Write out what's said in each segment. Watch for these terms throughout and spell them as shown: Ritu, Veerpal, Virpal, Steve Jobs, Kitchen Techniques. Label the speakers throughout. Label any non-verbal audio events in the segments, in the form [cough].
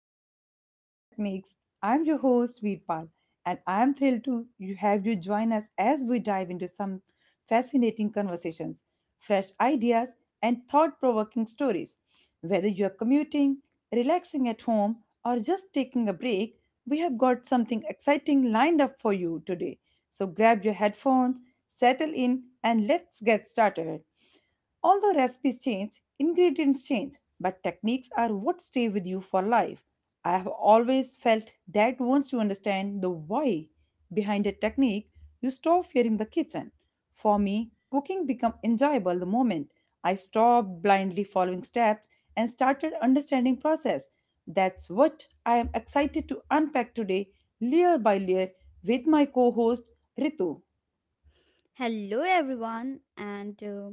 Speaker 1: episode of the Kitchen Techniques. I'm your host, Veerpal, and I'm thrilled to have you join us as we dive into some fascinating conversations, fresh ideas, and thought provoking stories. Whether you're commuting, relaxing at home, or just taking a break, we have got something exciting lined up for you today. So grab your headphones, settle in, and let's get started. Although recipes change, ingredients change, but techniques are what stay with you for life. I have always felt that once you understand the why behind a technique, you stop fearing the kitchen. For me, cooking became enjoyable the moment I stopped blindly following steps and started understanding process. That's what I am excited to unpack today, layer by layer, with my co-host Ritu.
Speaker 2: Hello everyone and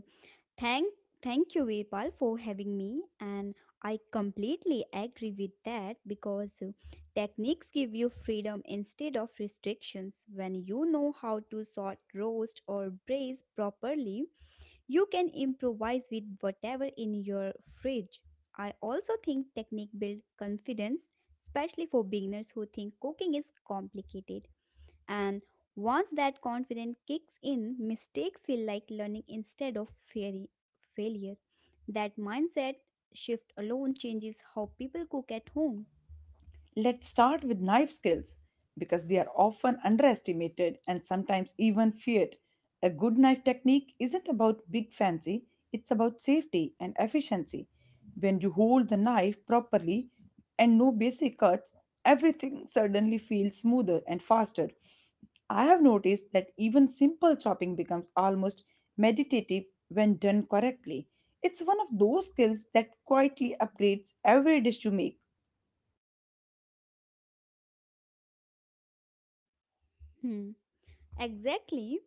Speaker 2: thank thank you Virpal for having me, and I completely agree with that because techniques give you freedom instead of restrictions. When you know how to sort roast or braise properly, you can improvise with whatever in your fridge. I also think technique build confidence, especially for beginners who think cooking is complicated. And once that confidence kicks in, mistakes feel like learning instead of failure. That mindset shift alone changes how people cook at home.
Speaker 1: Let's start with knife skills because they are often underestimated and sometimes even feared. A good knife technique isn't about big fancy, it's about safety and efficiency. When you hold the knife properly and no basic cuts, everything suddenly feels smoother and faster. I have noticed that even simple chopping becomes almost meditative when done correctly. It's one of those skills that quietly upgrades every dish you make.
Speaker 2: Hmm. Exactly.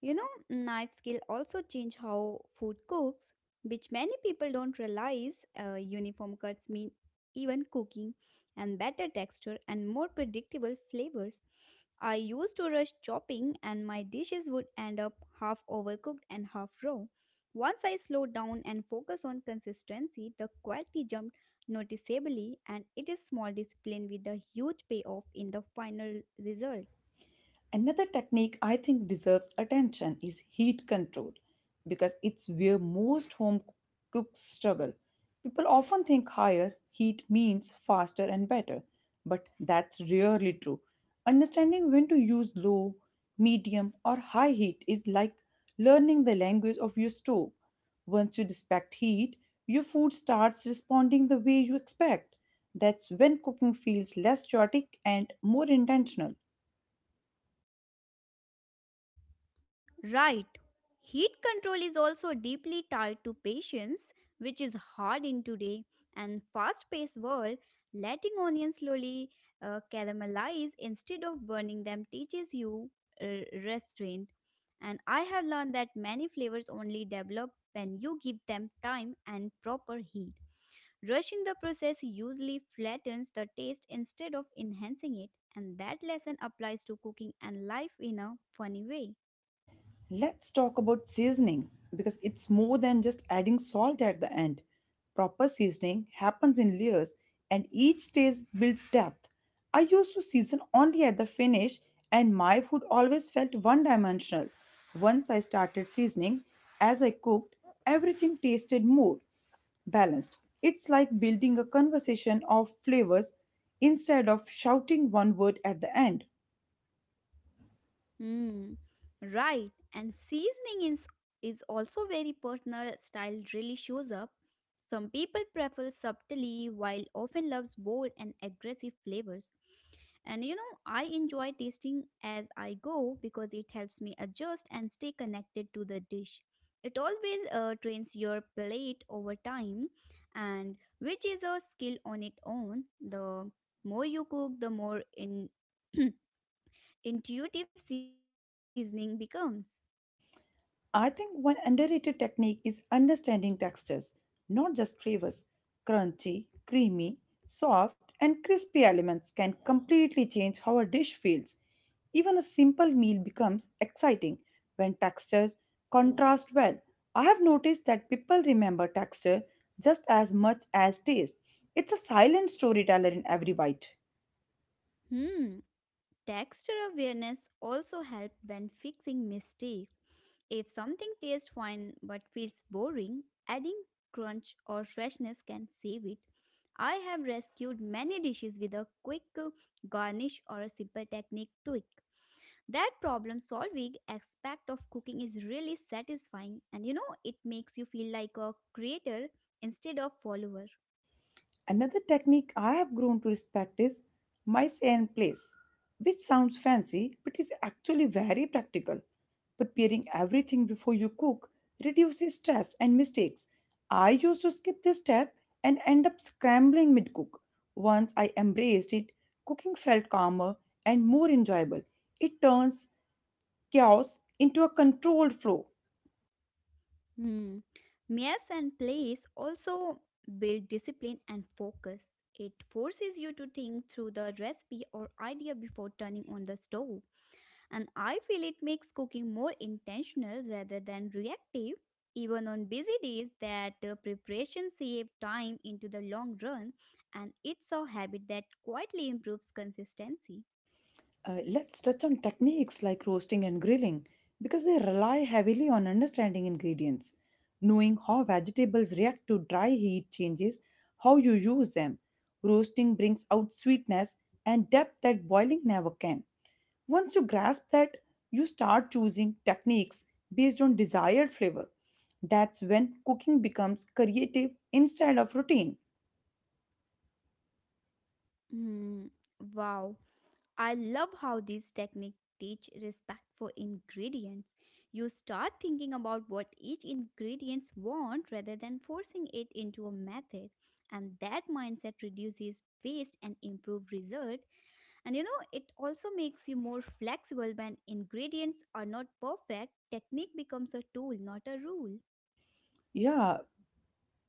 Speaker 2: You know, knife skill also change how food cooks, which many people don't realize. Uniform cuts mean even cooking and better texture and more predictable flavors. I used to rush chopping and my dishes would end up half overcooked and half raw. Once I slowed down and focused on consistency, the quality jumped noticeably, and it is small discipline with a huge payoff in the final result.
Speaker 1: Another technique I think deserves attention is heat control because it's where most home cooks struggle. People often think higher heat means faster and better, but that's rarely true. Understanding when to use low, medium, or high heat is like learning the language of your stove. Once you respect heat, your food starts responding the way you expect. That's when cooking feels less chaotic and more intentional.
Speaker 2: Right. Heat control is also deeply tied to patience, which is hard in today and fast-paced world. Letting onions slowly caramelize instead of burning them teaches you restraint. And I have learned that many flavors only develop when you give them time and proper heat. Rushing the process usually flattens the taste instead of enhancing it, and that lesson applies to cooking and life in a funny way.
Speaker 1: Let's talk about seasoning because it's more than just adding salt at the end. Proper seasoning happens in layers and each stage builds depth. I used to season only at the finish and my food always felt one dimensional. Once I started seasoning, as I cooked, everything tasted more balanced. It's like building a conversation of flavors instead of shouting one word at the end.
Speaker 2: Mm, right. And seasoning is, also very personal. Style really shows up. Some people prefer subtly, while often loves bold and aggressive flavors. And you know, I enjoy tasting as I go because it helps me adjust and stay connected to the dish. It always trains your plate over time, and which is a skill on its own. The more you cook, the more in [clears throat] intuitive seasoning becomes.
Speaker 1: I think one underrated technique is understanding textures, not just flavors. Crunchy, creamy, soft, and crispy elements can completely change how a dish feels. Even a simple meal becomes exciting when textures contrast well. I have noticed that people remember texture just as much as taste. It's a silent storyteller in every bite.
Speaker 2: Hmm, texture awareness also helps when fixing mistakes. If something tastes fine but feels boring, adding crunch or freshness can save it. I have rescued many dishes with a quick garnish or a simple technique tweak. That problem solving aspect of cooking is really satisfying, and you know it makes you feel like a creator instead of follower.
Speaker 1: Another technique I have grown to respect is mice and place, which sounds fancy but is actually very practical. Preparing everything before you cook reduces stress and mistakes. I used to skip this step and end up scrambling mid cook. Once I embraced it, cooking felt calmer and more enjoyable. It turns chaos into a controlled flow.
Speaker 2: Hmm. Meals and plays also build discipline and focus. It forces you to think through the recipe or idea before turning on the stove. And I feel it makes cooking more intentional rather than reactive. Even on busy days, that preparation saves time into the long run, and it's a habit that quietly improves consistency.
Speaker 1: Let's touch on techniques like roasting and grilling because they rely heavily on understanding ingredients, knowing how vegetables react to dry heat changes, how you use them. Roasting brings out sweetness and depth that boiling never can. Once you grasp that, you start choosing techniques based on desired flavor. That's when cooking becomes creative instead of routine.
Speaker 2: Hmm. Wow. I love how these techniques teach respect for ingredients. You start thinking about what each ingredients want rather than forcing it into a method, and that mindset reduces waste and improve result. And you know, it also makes you more flexible when ingredients are not perfect. Technique becomes a tool, not a rule.
Speaker 1: Yeah,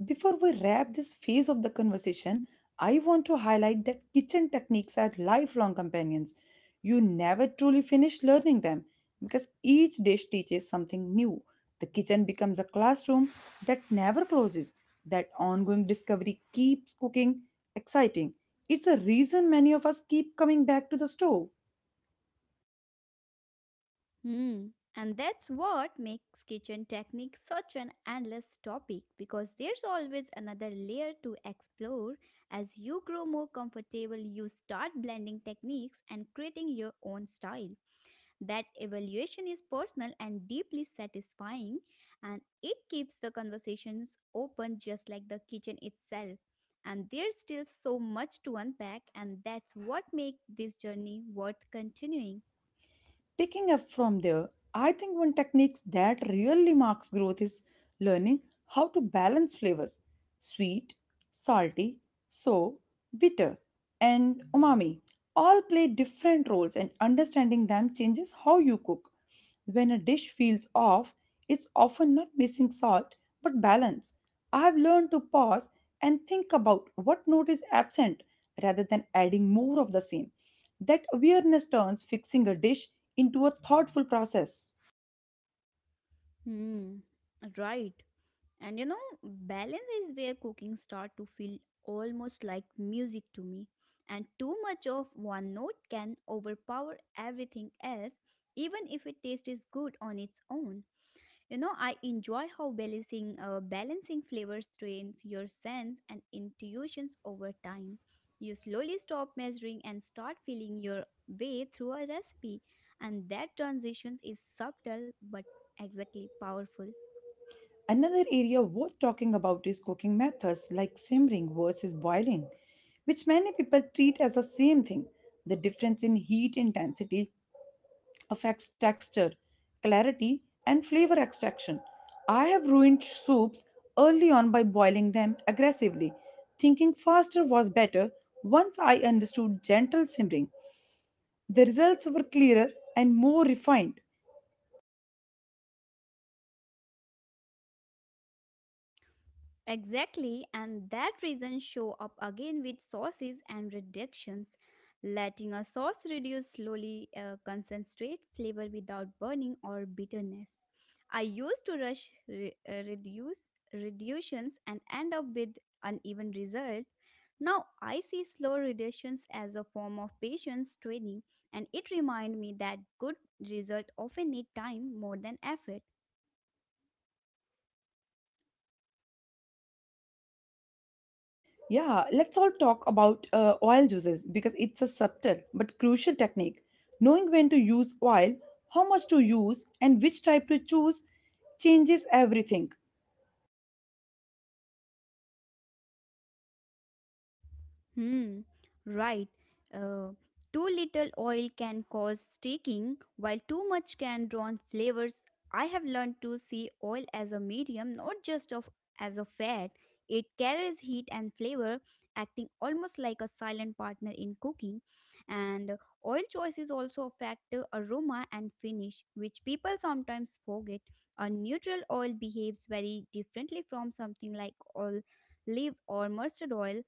Speaker 1: before we wrap this phase of the conversation, I want to highlight that kitchen techniques are lifelong companions. You never truly finish learning them because each dish teaches something new. The kitchen becomes a classroom that never closes. That ongoing discovery keeps cooking exciting. It's a reason many of us keep coming back to the stove.
Speaker 2: Hmm. And that's what makes kitchen techniques such an endless topic, because there's always another layer to explore. As you grow more comfortable, you start blending techniques and creating your own style. That evaluation is personal and deeply satisfying, and it keeps the conversations open just like the kitchen itself. And there's still so much to unpack, and that's what makes this journey worth continuing.
Speaker 1: Picking up from there, I think one technique that really marks growth is learning how to balance flavors sweet, salty, sour, bitter, and umami all play different roles, and understanding them changes how you cook. When a dish feels off, it's often not missing salt but balance. I've learned to pause and think about what note is absent rather than adding more of the same. That awareness turns fixing a dish into a thoughtful process.
Speaker 2: Hmm. Right. And you know, balance is where cooking starts to feel almost like music to me. And too much of one note can overpower everything else, even if it taste is good on its own. You know, I enjoy how balancing flavors trains your sense and intuitions over time. You slowly stop measuring and start feeling your way through a recipe, and that transition is subtle but exactly powerful.
Speaker 1: Another area worth talking about is cooking methods like simmering versus boiling, which many people treat as the same thing. The difference in heat intensity affects texture, clarity, and flavor extraction. I have ruined soups early on by boiling them aggressively, thinking faster was better once I understood gentle simmering. The results were clearer and more refined.
Speaker 2: Exactly, and that reason show up again with sauces and reductions. Letting a sauce reduce slowly concentrate flavor without burning or bitterness. I used to rush re- reduce reductions and end up with uneven result. Now I see slow reductions as a form of patience training, and it remind me that good result often need time more than effort.
Speaker 1: Yeah, let's all talk about oil juices because it's a subtle but crucial technique. Knowing when to use oil, how much to use, and which type to choose changes everything.
Speaker 2: Hmm, right. Uh, Too little oil can cause streaking, while too much can drown flavors. I have learned to see oil as a medium, not just of as a fat. It carries heat and flavor, acting almost like a silent partner in cooking. And oil choices also affect the aroma and finish, which people sometimes forget. A neutral oil behaves very differently from something like olive or mustard oil.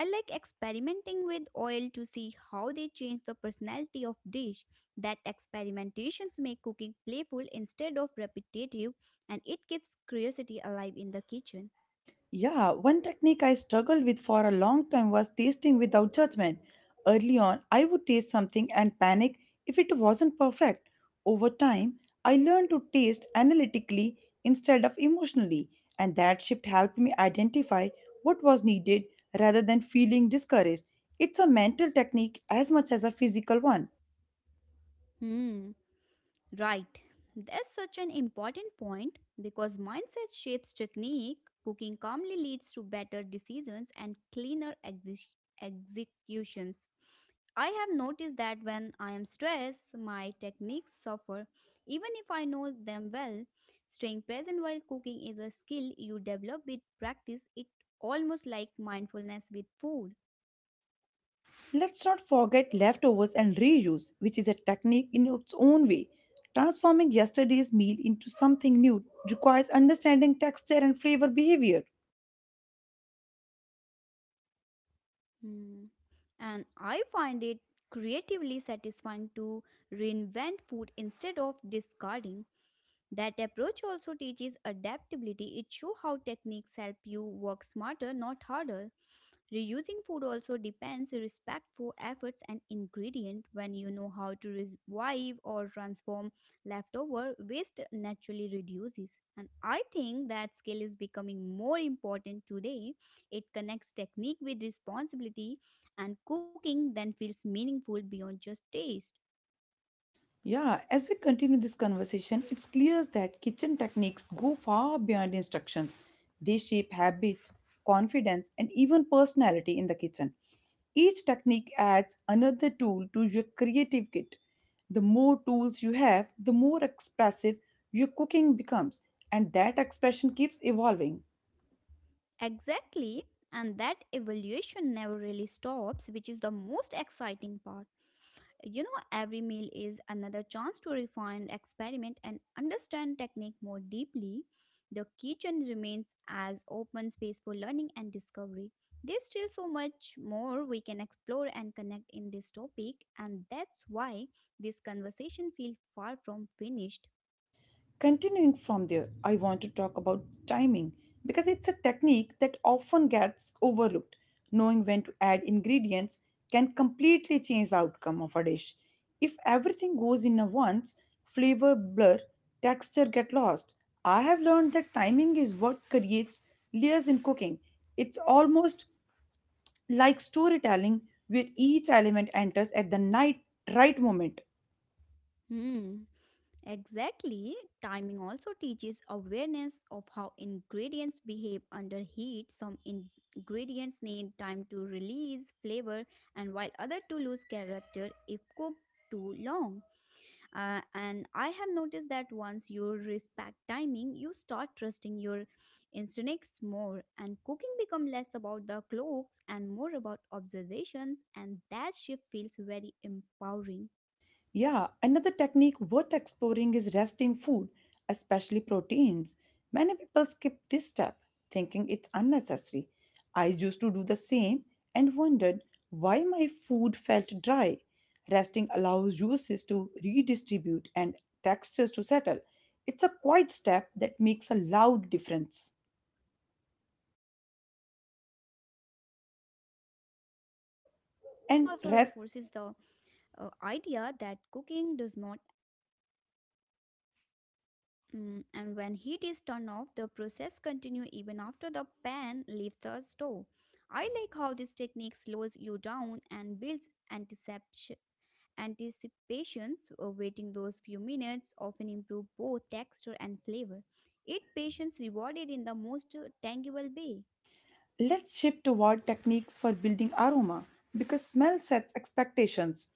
Speaker 2: I like experimenting with oil to see how they change the personality of dish. That experimentations make cooking playful instead of repetitive, and it keeps curiosity alive in the kitchen.
Speaker 1: Yeah, one technique I struggled with for a long time was tasting without judgment. Early on, I would taste something and panic if it wasn't perfect. Over time, I learned to taste analytically instead of emotionally, and that shift helped me identify what was needed rather than feeling discouraged. It's a mental technique as much as a physical one.
Speaker 2: Hmm, right. That's such an important point because mindset shapes technique. Cooking calmly leads to better decisions and cleaner executions. I have noticed that when I am stressed, my techniques suffer. Even if I know them well, staying present while cooking is a skill you develop with practice. It almost like mindfulness with food.
Speaker 1: Let's not forget leftovers and reuse, which is a technique in its own way. Transforming yesterday's meal into something new requires understanding texture and flavor behavior.
Speaker 2: Hmm. And I find it creatively satisfying to reinvent food instead of discarding. That approach also teaches adaptability. It shows how techniques help you work smarter, not harder. Reusing food also depends respectful efforts and ingredient. When you know how to revive or transform leftover, waste naturally reduces, and I think that skill is becoming more important today. It connects technique with responsibility, and cooking then feels meaningful beyond just taste.
Speaker 1: Yeah, as we continue this conversation, it's clear that kitchen techniques go far beyond instructions. They shape habits, confidence, and even personality in the kitchen. Each technique adds another tool to your creative kit. The more tools you have, the more expressive your cooking becomes, and that expression keeps evolving.
Speaker 2: Exactly, and that evaluation never really stops, which is the most exciting part. You know, every meal is another chance to refine, experiment, and understand technique more deeply. The kitchen remains as open space for learning and discovery. There's still so much more we can explore and connect in this topic, and that's why this conversation feels far from finished.
Speaker 1: Continuing from there, I want to talk about timing because it's a technique that often gets overlooked. Knowing when to add ingredients can completely change the outcome of a dish. If everything goes in at once, flavor blur, texture get lost. I have learned that timing is what creates layers in cooking. It's almost like storytelling where each element enters at the night right moment.
Speaker 2: Hmm. Exactly, timing also teaches awareness of how ingredients behave under heat. Ingredients need time to release flavor, and while other to lose character if cooked too long. And I have noticed that once you respect timing, you start trusting your instincts more, and cooking become less about the clocks and more about observations, and that shift feels very empowering.
Speaker 1: Yeah, another technique worth exploring is resting food, especially proteins. Many people skip this step, thinking it's unnecessary. I used to do the same and wondered why my food felt dry. Resting allows juices to redistribute and textures to settle. It's a quiet step that makes a loud difference.
Speaker 2: So reinforces the
Speaker 1: And rest,
Speaker 2: idea that cooking does not mm, and when heat is turned off the process continue even after the pan leaves the stove. I like how this technique slows you down and builds anticipation anticipations Waiting those few minutes often improve both texture and flavor. It patience rewarded in the most tangible way.
Speaker 1: let's shift toward techniques for building aroma because smell sets expectations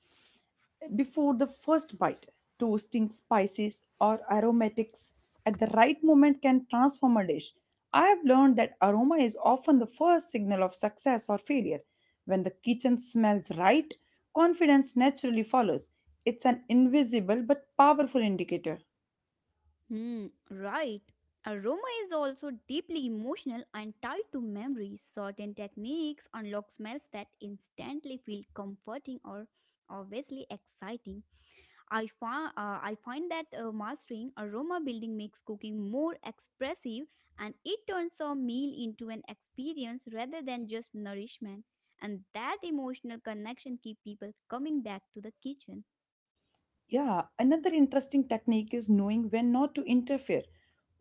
Speaker 1: before the first bite. Toasting spices or aromatics at the right moment can transform a dish. I have learned that aroma is often the first signal of success or failure. When the kitchen smells right, confidence naturally follows. It's an invisible but powerful indicator.
Speaker 2: Hmm, right. Aroma is also deeply emotional and tied to memories. Certain techniques unlock smells that instantly feel comforting or obviously exciting. I find that mastering aroma building makes cooking more expressive, and it turns a meal into an experience rather than just nourishment. And that emotional connection keeps people coming back to the kitchen.
Speaker 1: Yeah, another interesting technique is knowing when not to interfere.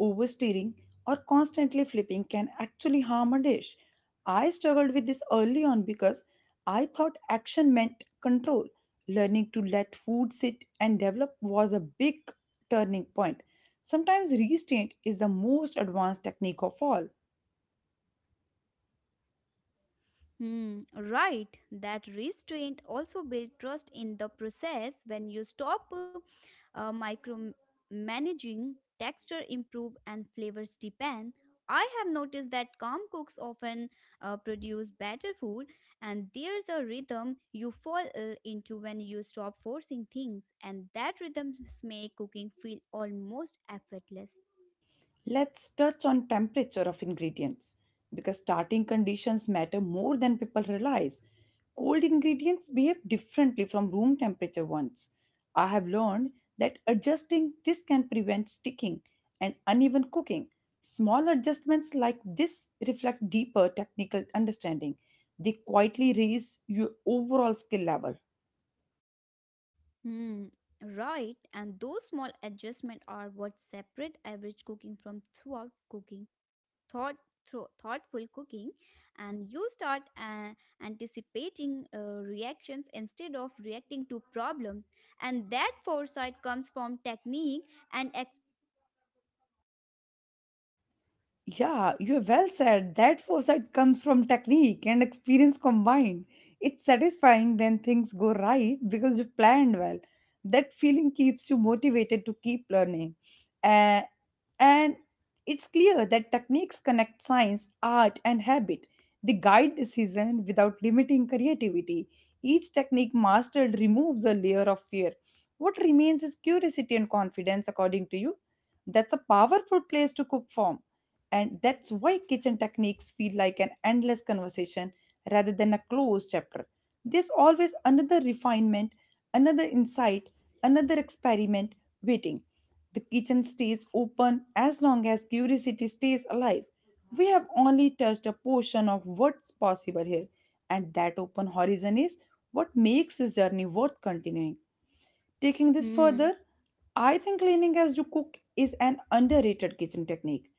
Speaker 1: Oversteering or constantly flipping can actually harm a dish. I struggled with this early on because I thought action meant control. Learning to let food sit and develop was a big turning point. Sometimes restraint is the most advanced technique of all.
Speaker 2: Hmm, right. That restraint also builds trust in the process. When you stop micromanaging, texture improve and flavors deepen. I have noticed that calm cooks often produce better food, and there's a rhythm you fall into when you stop forcing things, and that rhythm makes cooking feel almost effortless.
Speaker 1: Let's touch on temperature of ingredients because starting conditions matter more than people realize. Cold ingredients behave differently from room temperature ones. I have learned that adjusting this can prevent sticking and uneven cooking. Small adjustments like this reflect deeper technical understanding. They quietly raise your overall skill level.
Speaker 2: Hmm, right. And those small adjustments are what separate average cooking from throughout cooking, thought, thro- thoughtful cooking, and you start anticipating reactions instead of reacting to problems. And that foresight comes from technique and ex.
Speaker 1: Yeah, you have well said. That foresight comes from technique and experience combined. It's satisfying when things go right because you planned well. That feeling keeps you motivated to keep learning. Uh, and it's clear that techniques connect science, art, and habit. They guide decision without limiting creativity. Each technique mastered removes a layer of fear. What remains is curiosity and confidence, according to you. That's a powerful place to cook from, and that's why kitchen techniques feel like an endless conversation rather than a closed chapter. There's always another refinement, another insight, another experiment waiting. The kitchen stays open as long as curiosity stays alive. We have only touched a portion of what's possible here, and that open horizon is what makes this journey worth continuing. Taking this further, I think cleaning as you cook is an underrated kitchen technique.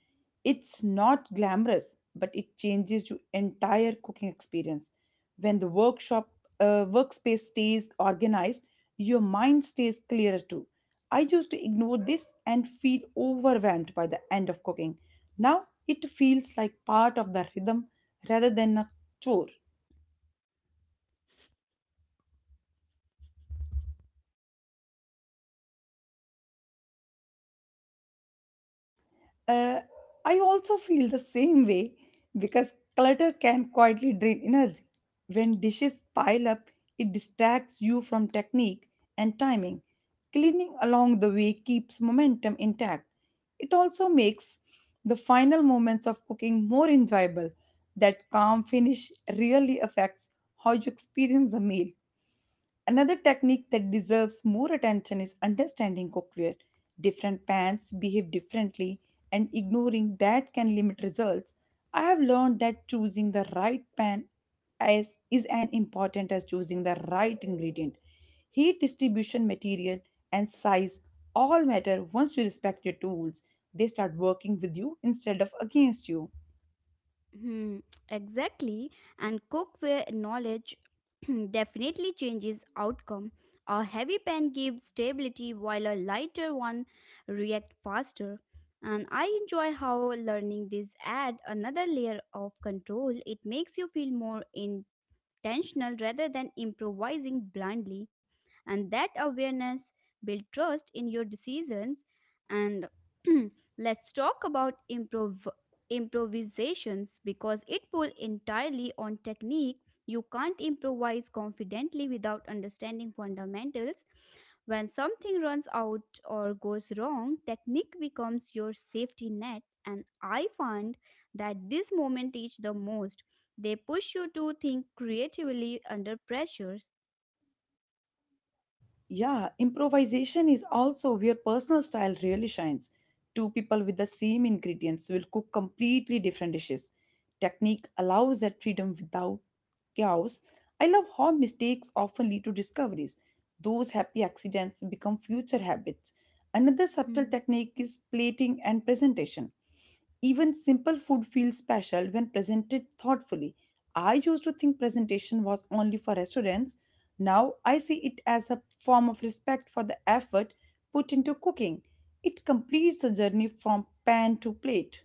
Speaker 1: It's not glamorous, but it changes your entire cooking experience. When the workshop workspace stays organized, your mind stays clearer too. I used to ignore this and feel overwhelmed by the end of cooking. Now it feels like part of the rhythm rather than a chore. Uh, I also feel the same way because clutter can quietly drain energy. When dishes pile up, it distracts you from technique and timing. Cleaning along the way keeps momentum intact. It also makes the final moments of cooking more enjoyable. That calm finish really affects how you experience the meal. Another technique that deserves more attention is understanding cookware. Different pans behave differently, and ignoring that can limit results. I have learned that choosing the right pan is as important as choosing the right ingredient. Heat distribution, material, and size all matter once you respect your tools. They start working with you instead of against you.
Speaker 2: Hmm, exactly. And cookware knowledge [clears throat] definitely changes outcome. A heavy pan gives stability while a lighter one reacts faster. And I enjoy how learning this add another layer of control. It makes you feel more intentional rather than improvising blindly. And that awareness builds trust in your decisions. And [clears throat] let's talk about improvisations because it pulls entirely on technique. You can't improvise confidently without understanding fundamentals. When something runs out or goes wrong, technique becomes your safety net, and I find that this moment is the most. They push you to think creatively under pressures.
Speaker 1: Yeah, improvisation is also where personal style really shines. Two people with the same ingredients will cook completely different dishes. Technique allows that freedom without chaos. I love how mistakes often lead to discoveries. Those happy accidents become future habits. Another subtle
Speaker 2: Hmm.
Speaker 1: technique is plating and presentation. Even simple food feels special when presented thoughtfully. I used to think presentation was only for restaurants, now I see it as a form of respect for the effort put into cooking. It completes the journey from pan to plate.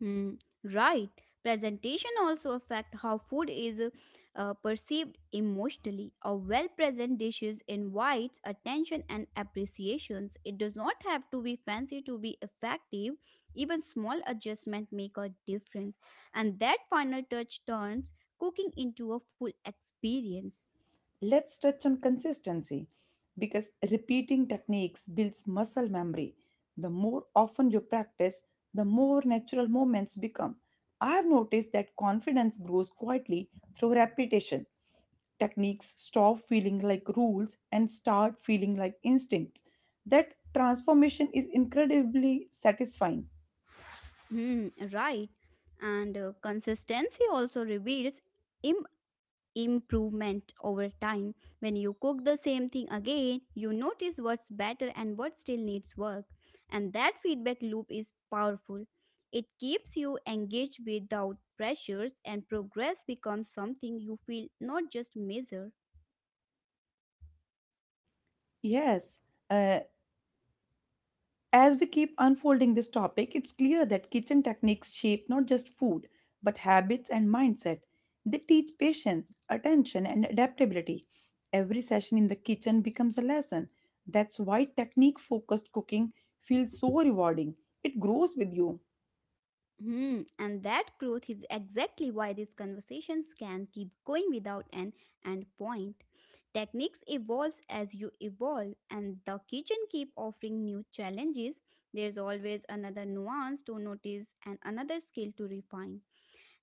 Speaker 2: Hmm, right. Presentation also affect how food is perceived emotionally. A well-present dishes invites attention and appreciations. It does not have to be fancy to be effective. Even small adjustment make a difference, and that final touch turns cooking into a full experience.
Speaker 1: Let's touch on consistency because repeating techniques builds muscle memory. The more often you practice, the more natural movements become. I've noticed that confidence grows quietly through repetition. Techniques stop feeling like rules and start feeling like instincts. That transformation is incredibly satisfying.
Speaker 2: Hmm, right. And consistency also reveals improvement over time. When you cook the same thing again, you notice what's better and what still needs work. And that feedback loop is powerful. It keeps you engaged without pressures, and progress becomes something you feel, not just measure.
Speaker 1: Yes. Uh, as we keep unfolding this topic, it's clear that kitchen techniques shape not just food, but habits and mindset. They teach patience, attention, and adaptability. Every session in the kitchen becomes a lesson. That's why technique focused cooking feels so rewarding. It grows with you.
Speaker 2: Hmm, and that growth is exactly why these conversations can keep going without an end point. Techniques evolve as you evolve, and the kitchen keep offering new challenges. There's always another nuance to notice and another skill to refine.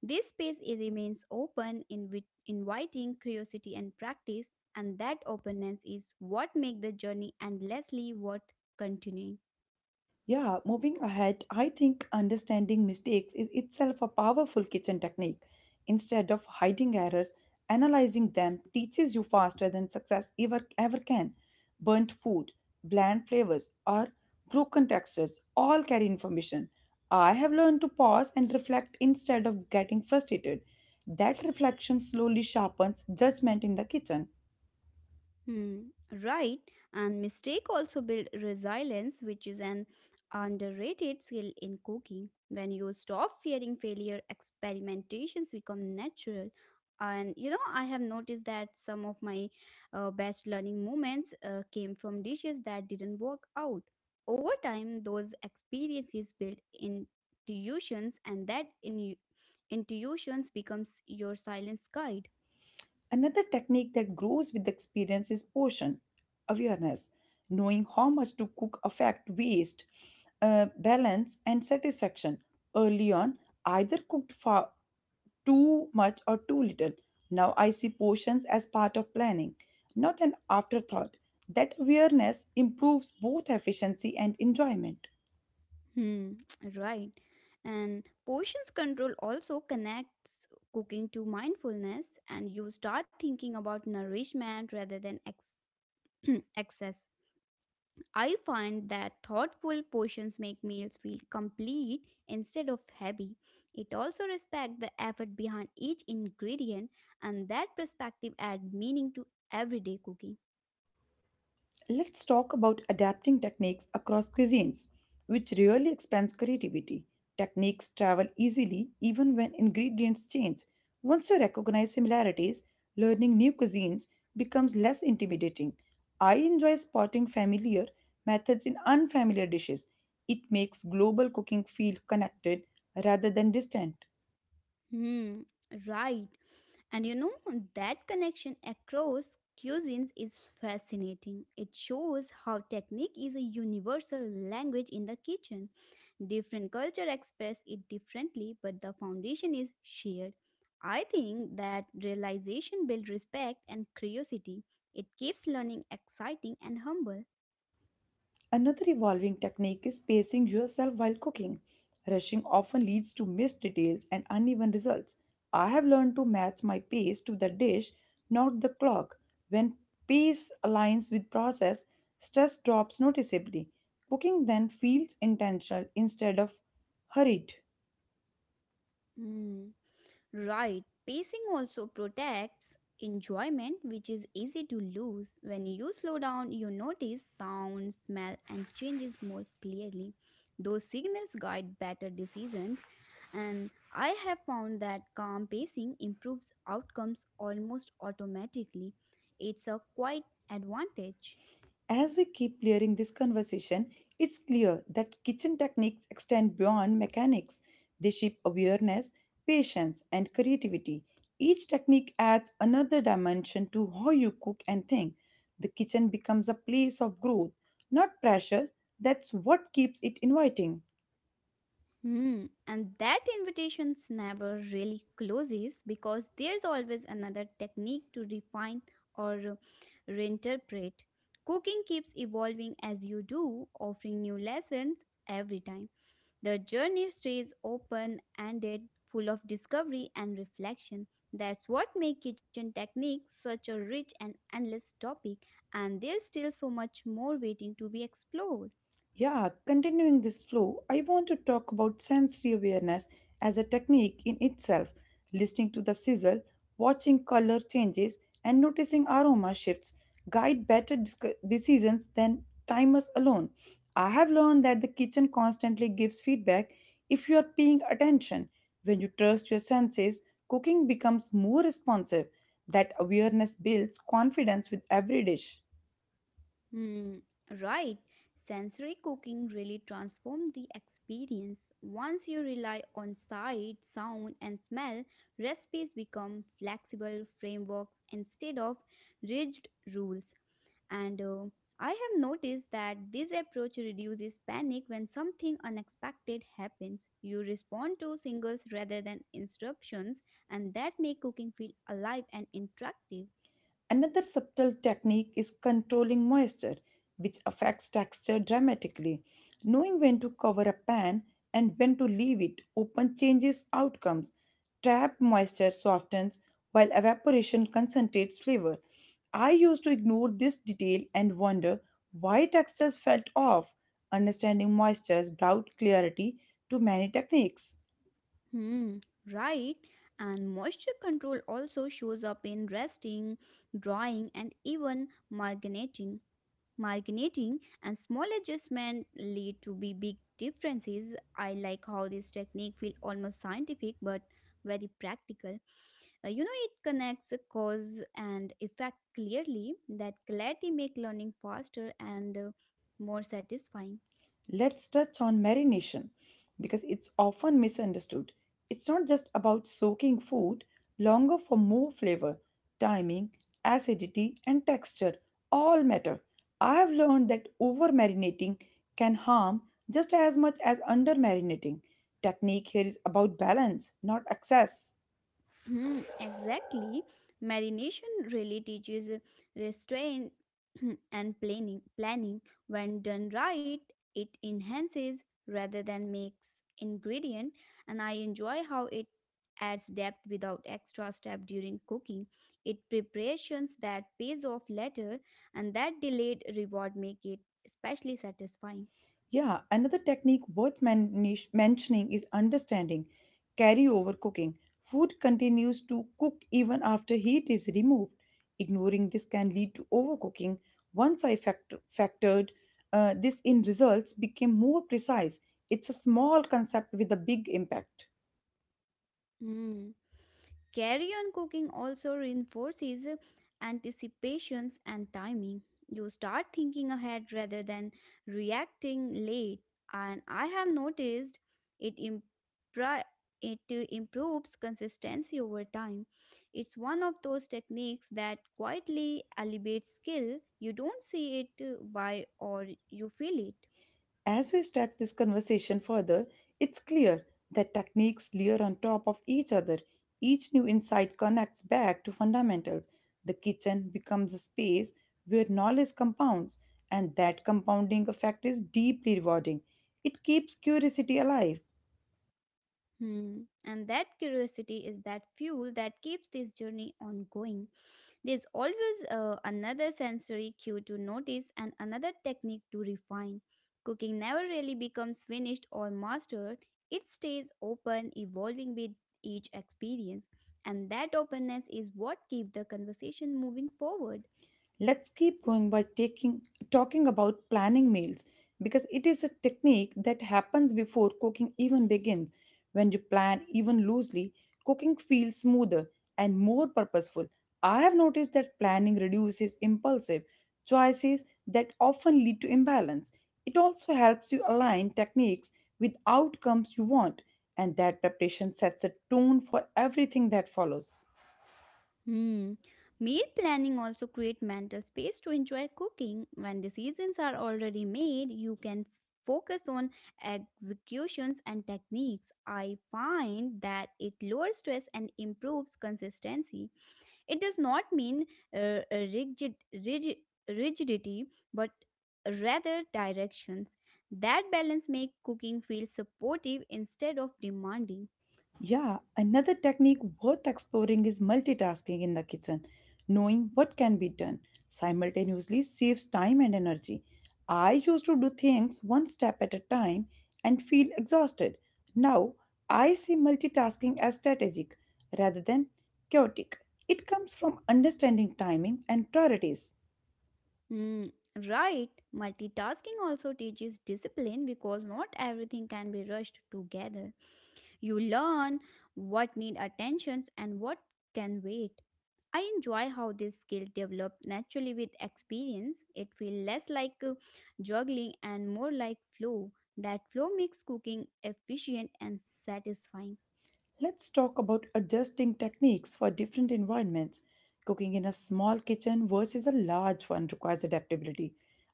Speaker 2: This space it remains open, inviting curiosity and practice, and that openness is what makes the journey endlessly worth continuing.
Speaker 1: Yeah, moving ahead, I think understanding mistakes is itself a powerful kitchen technique. Instead of hiding errors, analyzing them teaches you faster than success ever can. Burnt food, bland flavors, or broken textures all carry information. I have learned to pause and reflect instead of getting frustrated. That reflection slowly sharpens judgment in the kitchen.
Speaker 2: Hmm, right. And mistake also build resilience, which is an underrated skill in cooking. When you stop fearing failure, experimentations become natural. And you know, I have noticed that some of my best learning moments came from dishes that didn't work out. Over time, those experiences build intuitions, and that in intuitions becomes your silence guide.
Speaker 1: Another technique that grows with experience is portion awareness, knowing how much to cook affect waste, balance, and satisfaction. Early on, either cooked far too much or too little. Now I see portions as part of planning, not an afterthought. That awareness improves both efficiency and enjoyment.
Speaker 2: Hmm, right. And portions control also connects cooking to mindfulness, and you start thinking about nourishment rather than [clears throat] excess. I find that thoughtful portions make meals feel complete instead of heavy. It also respects the effort behind each ingredient, and that perspective adds meaning to everyday cooking.
Speaker 1: Let's talk about adapting techniques across cuisines, which really expands creativity. Techniques travel easily even when ingredients change. Once you recognize similarities, learning new cuisines becomes less intimidating. I enjoy spotting familiar methods in unfamiliar dishes. It makes global cooking feel connected rather than distant.
Speaker 2: Hmm, right. And you know, that connection across cuisines is fascinating. It shows how technique is a universal language in the kitchen. Different culture express it differently, but the foundation is shared. I think that realization builds respect and curiosity. It keeps learning exciting and humble.
Speaker 1: Another evolving technique is pacing yourself while cooking. Rushing often leads to missed details and uneven results. I have learned to match my pace to the dish, not the clock. When pace aligns with process, stress drops noticeably. Cooking then feels intentional instead of hurried.
Speaker 2: Mm, right, pacing also protects enjoyment, which is easy to lose. When you slow down, you notice sound, smell, and changes more clearly. Those signals guide better decisions, and I have found that calm pacing improves outcomes almost automatically. It's a quite advantage.
Speaker 1: As we keep clearing this conversation, it's clear that kitchen techniques extend beyond mechanics. They shape awareness, patience, and creativity. Each technique adds another dimension to how you cook and think. The kitchen becomes a place of growth, not pressure. That's what keeps it inviting.
Speaker 2: Hmm. And that invitations never really closes because there's always another technique to refine or reinterpret. Cooking keeps evolving as you do, offering new lessons every time. The journey stays open ended, full of discovery and reflection. That's what makes kitchen techniques such a rich and endless topic, and there's still so much more waiting to be explored.
Speaker 1: Yeah, continuing this flow, I want to talk about sensory awareness as a technique in itself, listening to the sizzle, watching color changes, and noticing aroma shifts guide better decisions than timers alone. I have learned that the kitchen constantly gives feedback if you are paying attention. When you trust your senses, cooking becomes more responsive. That awareness builds confidence with every dish.
Speaker 2: Hmm, right. Sensory cooking really transforms the experience. Once you rely on sight, sound, and smell, recipes become flexible frameworks instead of rigid rules. And I have noticed that this approach reduces panic when something unexpected happens. You respond to singles rather than instructions, and that make cooking feel alive and interactive.
Speaker 1: Another subtle technique is controlling moisture, which affects texture dramatically. Knowing when to cover a pan and when to leave it open changes outcomes. Trapped moisture softens while evaporation concentrates flavor. I used to ignore this detail and wonder why textures felt off. Understanding moistures brought clarity to many techniques.
Speaker 2: Hmm, right. And moisture control also shows up in resting, drying, and even marinating. Marinating and small adjustments lead to be big differences. I like how this technique feels almost scientific but very practical. You know, it connects a cause and effect clearly. That clarity make learning faster and more satisfying.
Speaker 1: Let's touch on marination because it's often misunderstood. It's not just about soaking food longer for more flavor, timing, acidity, and texture all matter. I have learned that over marinating can harm just as much as under marinating. Technique here is about balance, not excess.
Speaker 2: Hmm, exactly. Marination really teaches restraint [clears throat] and planning, when done right, it enhances rather than makes ingredient, and I enjoy how it adds depth without extra step during cooking. It preparations that pays off later, and that delayed reward make it especially satisfying.
Speaker 1: Yeah, another technique worth mentioning is understanding carryover cooking. Food continues to cook even after heat is removed. Ignoring this can lead to overcooking. Once I factored this in, results became more precise. It's a small concept with a big impact.
Speaker 2: Hmm. Carry on cooking also reinforces anticipations and timing. You start thinking ahead rather than reacting late, and I have noticed it impri- it improves consistency over time. It's one of those techniques that quietly elevates skill. You don't see it by or you feel it.
Speaker 1: As we stretch this conversation further, it's clear that techniques layer on top of each other. Each new insight connects back to fundamentals. The kitchen becomes a space where knowledge compounds, and that compounding effect is deeply rewarding. It keeps curiosity alive.
Speaker 2: Hmm. And that curiosity is that fuel that keeps this journey ongoing. There's always another sensory cue to notice and another technique to refine. Cooking never really becomes finished or mastered, it stays open, evolving with each experience. And that openness is what keeps the conversation moving forward.
Speaker 1: Let's keep going by taking talking about planning meals because it is a technique that happens before cooking even begins. When you plan even loosely, cooking feels smoother and more purposeful. I have noticed that planning reduces impulsive choices that often lead to imbalance. It also helps you align techniques with outcomes you want, and that preparation sets a tone for everything that follows.
Speaker 2: Hmm. Meal planning also create mental space to enjoy cooking. When decisions are already made, you can focus on executions and techniques. I find that it lowers stress and improves consistency. It does not mean uh, uh, rigid, rigid rigidity, but rather directions. That balance make cooking feel supportive instead of demanding.
Speaker 1: Yeah, another technique worth exploring is multitasking in the kitchen. Knowing what can be done simultaneously saves time and energy. I used to do things one step at a time and feel exhausted. Now, I see multitasking as strategic rather than chaotic. It comes from understanding timing and priorities.
Speaker 2: Mm, right. Multitasking also teaches discipline because not everything can be rushed together. You learn what need attentions and what can wait. I enjoy how this skill developed naturally with experience. It feels less like juggling and more like flow. That flow makes cooking efficient and satisfying.
Speaker 1: Let's talk about adjusting techniques for different environments. Cooking in a small kitchen versus a large one requires adaptability.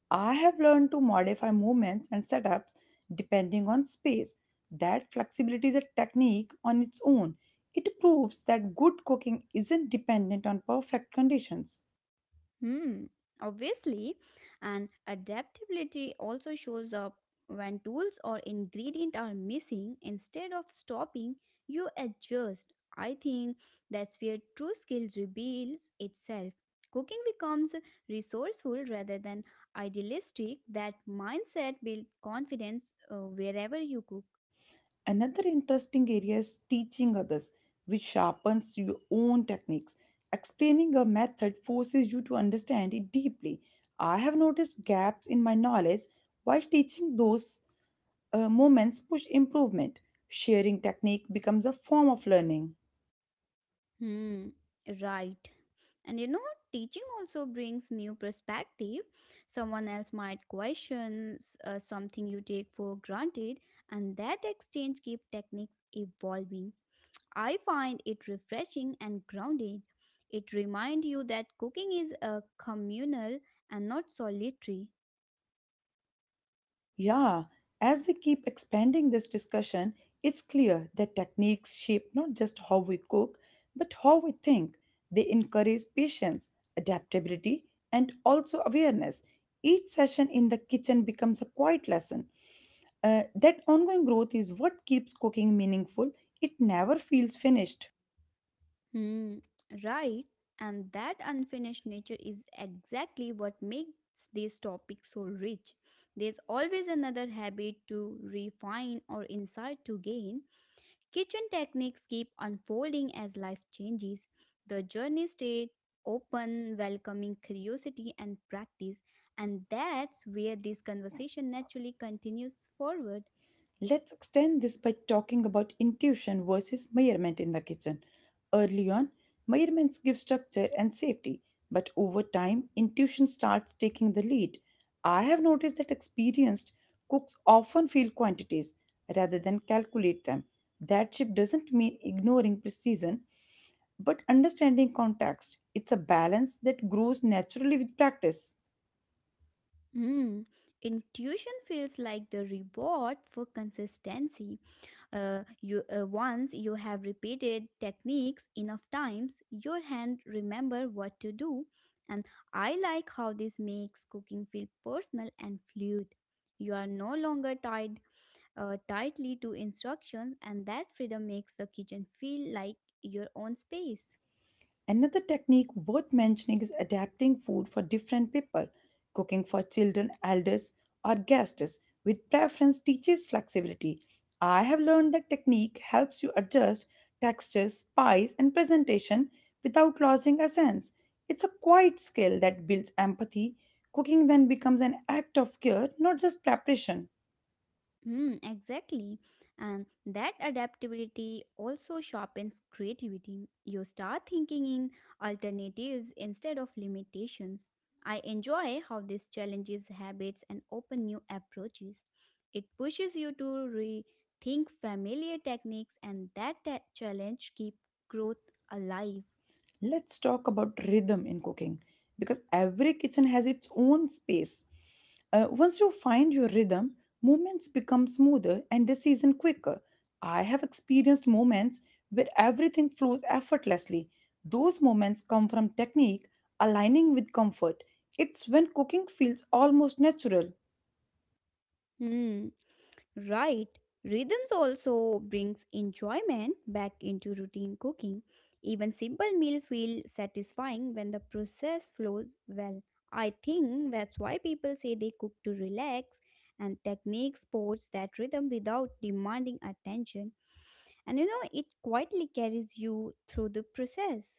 Speaker 1: I have learned to modify movements and setups depending on space. That flexibility is a technique on its own. It proves that good cooking isn't dependent on perfect conditions.
Speaker 2: Hmm, obviously, and adaptability also shows up when tools or ingredient are missing. Instead of stopping, you adjust. I think that's where true skills reveals itself. Cooking becomes resourceful rather than idealistic. That mindset builds confidence wherever you cook.
Speaker 1: Another interesting area is teaching others, which sharpens your own techniques. Explaining a method forces you to understand it deeply. I have noticed gaps in my knowledge while teaching those moments push improvement. Sharing technique becomes a form of learning.
Speaker 2: Hmm, right. And you know, teaching also brings new perspective. Someone else might question something you take for granted, and that exchange keeps techniques evolving. I find it refreshing and grounded. It reminds you that cooking is a communal and not solitary.
Speaker 1: Yeah, as we keep expanding this discussion, it's clear that techniques shape not just how we cook, but how we think. They encourage patience, adaptability, and also awareness. Each session in the kitchen becomes a quiet lesson. That ongoing growth is what keeps cooking meaningful, it never feels finished.
Speaker 2: Hmm, right. And that unfinished nature is exactly what makes this topic so rich. There's always another habit to refine or insight to gain. Kitchen techniques keep unfolding as life changes. The journey stayed open, welcoming curiosity and practice. And that's where this conversation naturally continues forward.
Speaker 1: Let's extend this by talking about intuition versus measurement in the kitchen. Early on, measurements give structure and safety, but over time, intuition starts taking the lead. I have noticed that experienced cooks often feel quantities rather than calculate them. That shift doesn't mean ignoring precision, but understanding context. It's a balance that grows naturally with practice.
Speaker 2: Hmm, intuition feels like the reward for consistency. You Once you have repeated techniques enough times, your hand remember what to do. And I like how this makes cooking feel personal and fluid. You are no longer tied tightly to instructions, and that freedom makes the kitchen feel like your own space.
Speaker 1: Another technique worth mentioning is adapting food for different people. Cooking for children, elders, or guests with preference teaches flexibility. I have learned that technique helps you adjust texture, spice, and presentation without losing a sense. It's a quiet skill that builds empathy. Cooking then becomes an act of care, not just preparation.
Speaker 2: Hmm, exactly. And that adaptability also sharpens creativity. You start thinking in alternatives instead of limitations. I enjoy how this challenges habits and open new approaches. It pushes you to rethink familiar techniques and that challenge keep growth alive.
Speaker 1: Let's talk about rhythm in cooking because every kitchen has its own space. Once you find your rhythm, movements become smoother and decision quicker. I have experienced moments where everything flows effortlessly. Those moments come from technique aligning with comfort. It's when cooking feels almost natural.
Speaker 2: Hmm. Right. Rhythms also brings enjoyment back into routine cooking. Even simple meal feel satisfying when the process flows well. I think that's why people say they cook to relax and technique sports that rhythm without demanding attention. And you know, it quietly carries you through the process.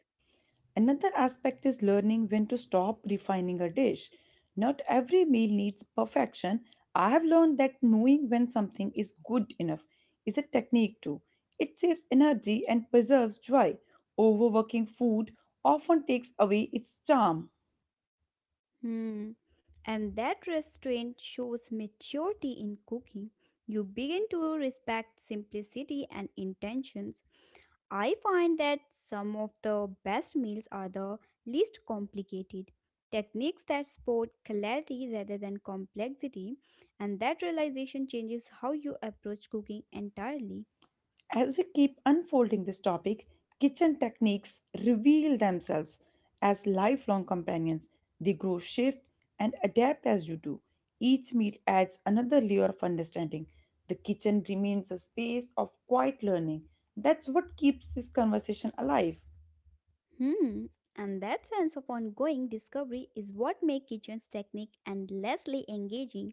Speaker 1: Another aspect is learning when to stop refining a dish. Not every meal needs perfection. I have learned that knowing when something is good enough is a technique too. It saves energy and preserves joy. Overworking food often takes away its charm.
Speaker 2: Hmm. And that restraint shows maturity in cooking. You begin to respect simplicity and intentions. I find that some of the best meals are the least complicated. Techniques that support clarity rather than complexity, and that realization changes how you approach cooking entirely.
Speaker 1: As we keep unfolding this topic, kitchen techniques reveal themselves as lifelong companions. They grow, shift, and adapt as you do. Each meal adds another layer of understanding. The kitchen remains a space of quiet learning. That's what keeps this conversation alive.
Speaker 2: Hmm. And that sense of ongoing discovery is what makes kitchen's technique endlessly engaging.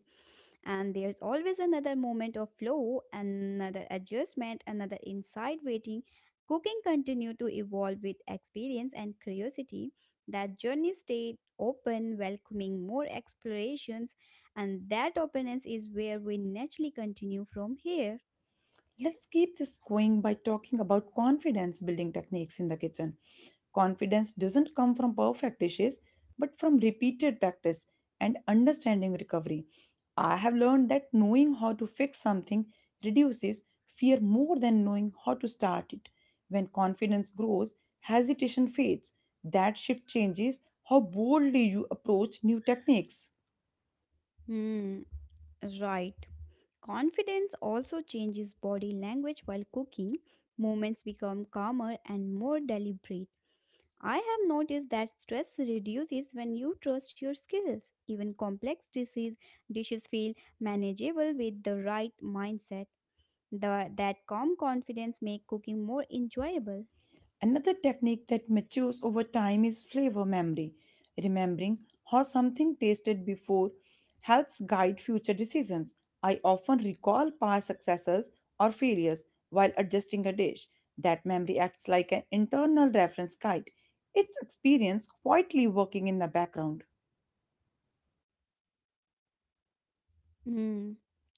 Speaker 2: And there's always another moment of flow, another adjustment, another inside waiting. Cooking continue to evolve with experience and curiosity. That journey stayed open, welcoming more explorations, and that openness is where we naturally continue from here.
Speaker 1: Let's keep this going by talking about confidence building techniques in the kitchen. Confidence doesn't come from perfect dishes, but from repeated practice and understanding recovery. I have learned that knowing how to fix something reduces fear more than knowing how to start it. When confidence grows, hesitation fades. That shift changes how boldly you approach new techniques.
Speaker 2: Hmm. Right. Confidence also changes body language while cooking. Movements become calmer and more deliberate. I have noticed that stress reduces when you trust your skills. Even dishes feel manageable with the right mindset. That calm confidence make cooking more enjoyable.
Speaker 1: Another technique that matures over time is flavor memory. Remembering how something tasted before helps guide future decisions. I often recall past successes or failures while adjusting a dish. That memory acts like an internal reference guide. It's experience quietly working in the background.
Speaker 2: Mm,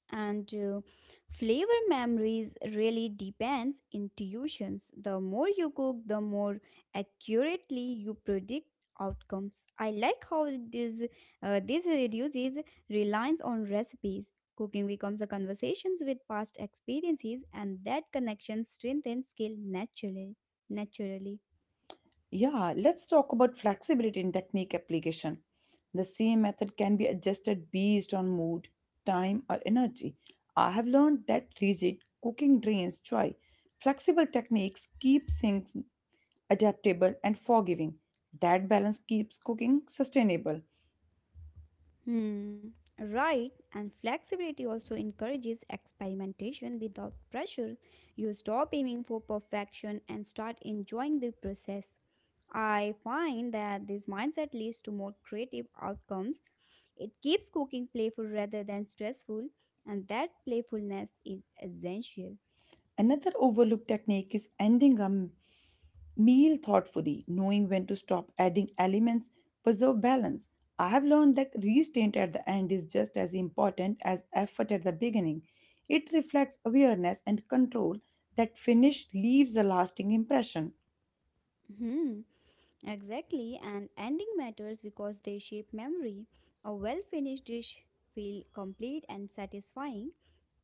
Speaker 2: and flavor memories really depends intuitions, the more you cook the more accurately you predict outcomes. I like how this reduces reliance on recipes. Cooking becomes a conversations with past experiences and that connection strengthens skill naturally.
Speaker 1: Yeah, let's talk about flexibility in technique application. The same method can be adjusted based on mood, time, or energy. I have learned that rigid cooking drains joy. Flexible techniques keep things adaptable and forgiving. That balance keeps cooking sustainable.
Speaker 2: Hmm, right. And flexibility also encourages experimentation without pressure. You stop aiming for perfection and start enjoying the process. I find that this mindset leads to more creative outcomes. It keeps cooking playful rather than stressful, and that playfulness is essential.
Speaker 1: Another overlooked technique is ending a meal thoughtfully, knowing when to stop adding elements, preserve balance. I have learned that restraint at the end is just as important as effort at the beginning. It reflects awareness and control that finish leaves a lasting impression.
Speaker 2: Hmm. Exactly, and ending matters because they shape memory. A well finished dish feel complete and satisfying.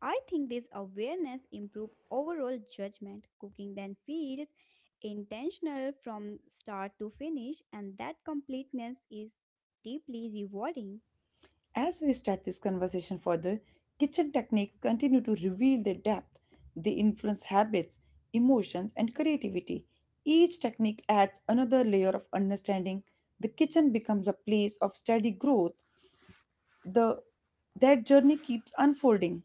Speaker 2: I think this awareness improve overall judgment. Cooking then feels intentional from start to finish, and that completeness is deeply rewarding.
Speaker 1: As we stretch this conversation further, kitchen techniques continue to reveal their depth. They influence habits, emotions, and creativity. Each technique adds another layer of understanding. The kitchen becomes a place of steady growth, the that journey keeps unfolding,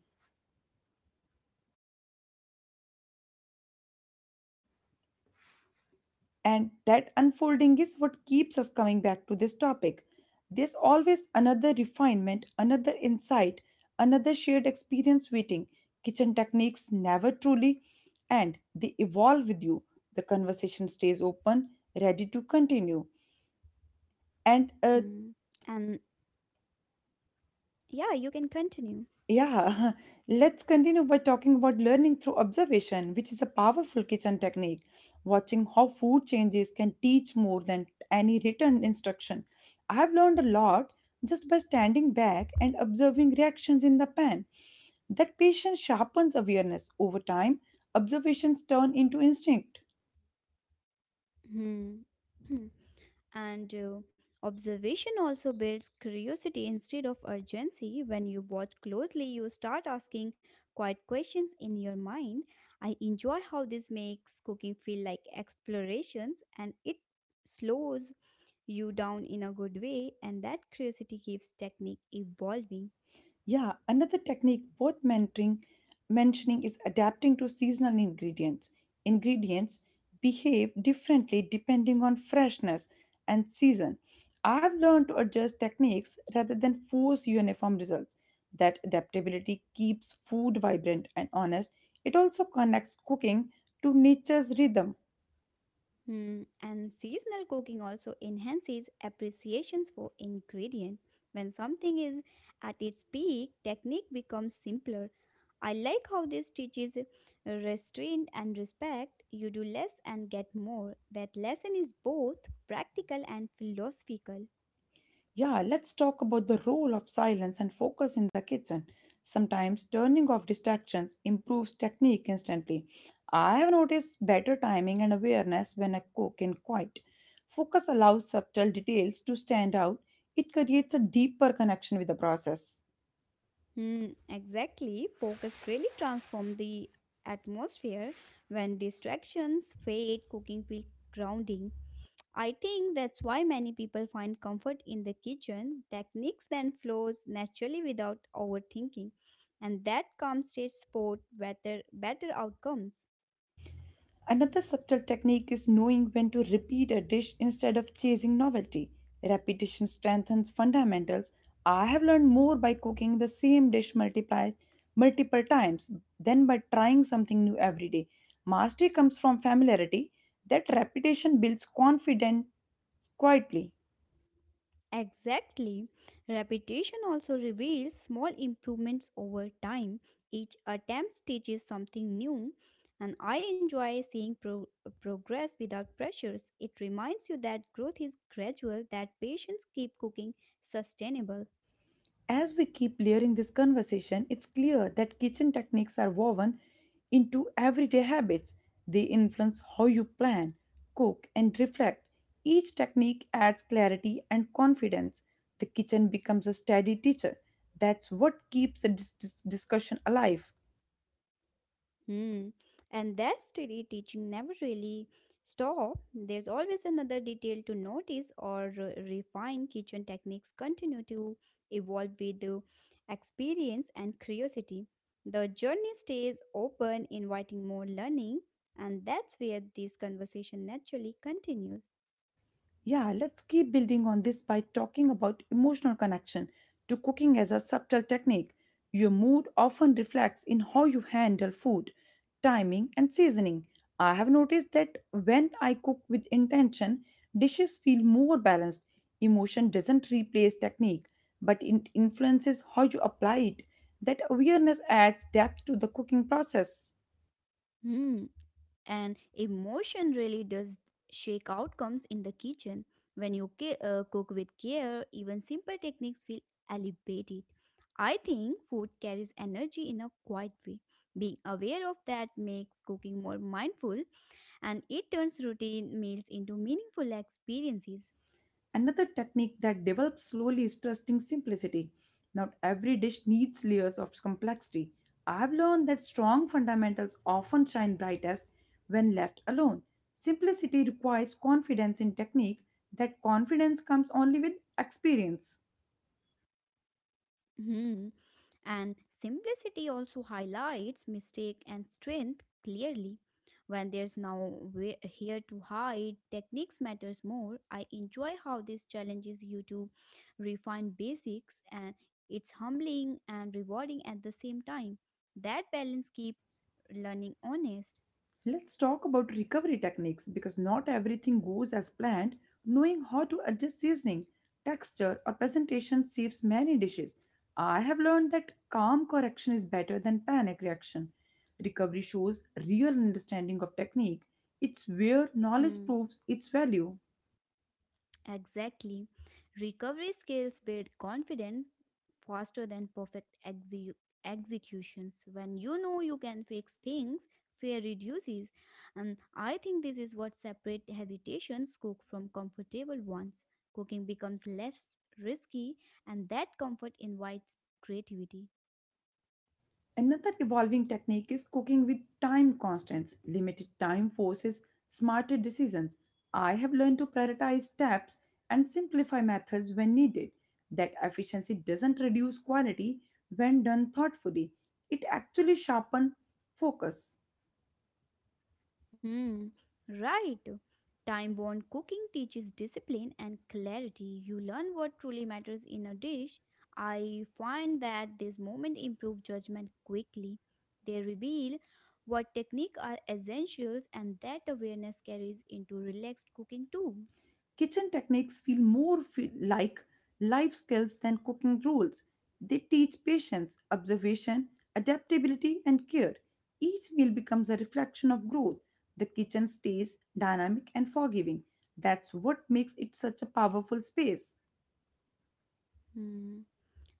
Speaker 1: and that unfolding is what keeps us coming back to this topic. There's always another refinement, another insight, another shared experience waiting. Kitchen techniques never truly, and they evolve with you. The conversation stays open, ready to continue.
Speaker 2: Hmm.
Speaker 1: And
Speaker 2: And yeah, you can continue.
Speaker 1: Yeah, [laughs] let's continue by talking about learning through observation, which is a powerful kitchen technique. Watching how food changes can teach more than any written instruction. I have learned a lot just by standing back and observing reactions in the pan. That patience sharpens awareness over time. Observations turn into instinct.
Speaker 2: Hmm. Hmm. And observation also builds curiosity instead of urgency. When you watch closely, you start asking quiet questions in your mind. I enjoy how this makes cooking feel like explorations and it slows you down in a good way, and that curiosity keeps technique evolving.
Speaker 1: Yeah, another technique worth mentioning is adapting to seasonal ingredients. Ingredients behave differently depending on freshness and season. I've learned to adjust techniques rather than force uniform results. That adaptability keeps food vibrant and honest. It also connects cooking to nature's rhythm.
Speaker 2: Hmm, and seasonal cooking also enhances appreciations for ingredient. When something is at its peak, technique becomes simpler. I like how this teaches restraint and respect. You do less and get more. That lesson is both practical and philosophical.
Speaker 1: Yeah, let's talk about the role of silence and focus in the kitchen. Sometimes turning off distractions improves technique instantly. I have noticed better timing and awareness when I cook in quiet. Focus allows subtle details to stand out, it creates a deeper connection with the process.
Speaker 2: Hmm, exactly. Focus really transforms the atmosphere. When distractions fade, cooking feels grounding. I think that's why many people find comfort in the kitchen. Techniques then flows naturally without overthinking, and that calm state support better outcomes.
Speaker 1: Another subtle technique is knowing when to repeat a dish instead of chasing novelty. Repetition strengthens fundamentals. I have learned more by cooking the same dish multiple times than by trying something new every day. Mastery comes from familiarity. That repetition builds confidence quietly.
Speaker 2: Exactly. Repetition also reveals small improvements over time. Each attempt teaches something new, and I enjoy seeing progress without pressures. It reminds you that growth is gradual, that patients keep cooking sustainable.
Speaker 1: As we keep layering this conversation, it's clear that kitchen techniques are woven into everyday habits. They influence how you plan, cook, and reflect. Each technique adds clarity and confidence. The kitchen becomes a steady teacher. That's what keeps the discussion alive.
Speaker 2: Hmm. And that steady teaching never really stop. There's always another detail to notice or refine. Kitchen techniques continue to evolve with the experience and curiosity. The journey stays open, inviting more learning, and that's where this conversation naturally continues.
Speaker 1: Yeah, let's keep building on this by talking about emotional connection to cooking as a subtle technique. Your mood often reflects in how you handle food, timing, and seasoning. I have noticed that when I cook with intention, dishes feel more balanced. Emotion doesn't replace technique, but it influences how you apply it. That awareness adds depth to the cooking process.
Speaker 2: Hmm, and emotion really does shake outcomes in the kitchen when you cook with care, even simple techniques feel elevated. I think food carries energy in a quiet way, being aware of that makes cooking more mindful, and it turns routine meals into meaningful experiences.
Speaker 1: Another technique that develops slowly is trusting simplicity. Not every dish needs layers of complexity. I've learned that strong fundamentals often shine brightest when left alone. Simplicity requires confidence in technique, that confidence comes only with experience.
Speaker 2: Hmm. And simplicity also highlights mistake and strength clearly. When there's now here to hide, techniques matters more. I enjoy how this challenges you to refine basics and it's humbling and rewarding at the same time. That balance keeps learning honest.
Speaker 1: Let's talk about recovery techniques because not everything goes as planned. Knowing how to adjust seasoning, texture, or presentation saves many dishes. I have learned that calm correction is better than panic reaction. Recovery shows real understanding of technique. It's where knowledge
Speaker 2: Hmm.
Speaker 1: proves its value.
Speaker 2: Exactly. Recovery skills build confidence faster than perfect executions. When you know you can fix things, fear reduces. And I think this is what separates hesitations cook from comfortable ones. Cooking becomes less risky, and that comfort invites creativity.
Speaker 1: Another evolving technique is cooking with time constants. Limited time forces smarter decisions. I have learned to prioritize steps and simplify methods when needed. That efficiency doesn't reduce quality when done thoughtfully, it actually sharpens focus.
Speaker 2: Hmm, right. Time born cooking teaches discipline and clarity. You learn what truly matters in a dish. I find that this moment improve judgment quickly. They reveal what technique are essentials and that awareness carries into relaxed cooking too.
Speaker 1: Kitchen techniques feel more like life skills than cooking rules. They teach patience, observation, adaptability, and care. Each meal becomes a reflection of growth. The kitchen stays dynamic and forgiving. That's what makes it such a powerful space.
Speaker 2: Hmm.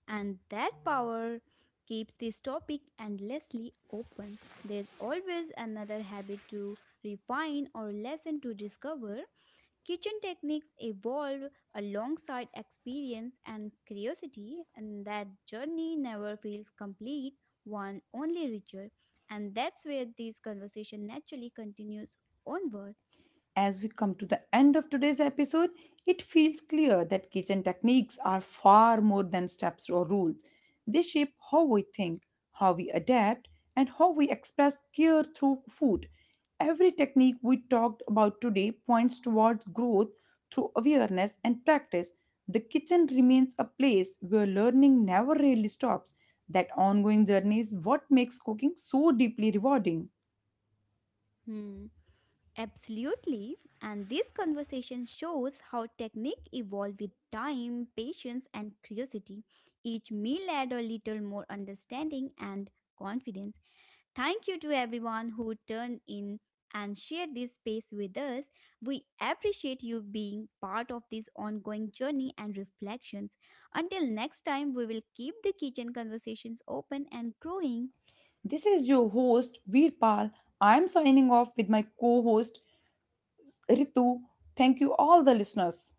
Speaker 2: And that power keeps this topic endlessly open. There's always another habit to refine or lesson to discover. Kitchen techniques evolve alongside experience and curiosity, and that journey never feels complete, one only richer. And that's where this conversation naturally continues onward.
Speaker 1: As we come to the end of today's episode, it feels clear that kitchen techniques are far more than steps or rules. They shape how we think, how we adapt, and how we express care through food. Every technique we talked about today points towards growth through awareness and practice. The kitchen remains a place where learning never really stops. That ongoing journey is what makes cooking so deeply rewarding.
Speaker 2: Hmm. Absolutely. And this conversation shows how technique evolve with time, patience, and curiosity. Each meal add a little more understanding and confidence. Thank you to everyone who turned in and shared this space with us. We appreciate you being part of this ongoing journey and reflections. Until next time, we will keep the kitchen conversations open and growing.
Speaker 1: This is your host, Veerpal. I am signing off with my co host, Ritu. Thank you, all the listeners.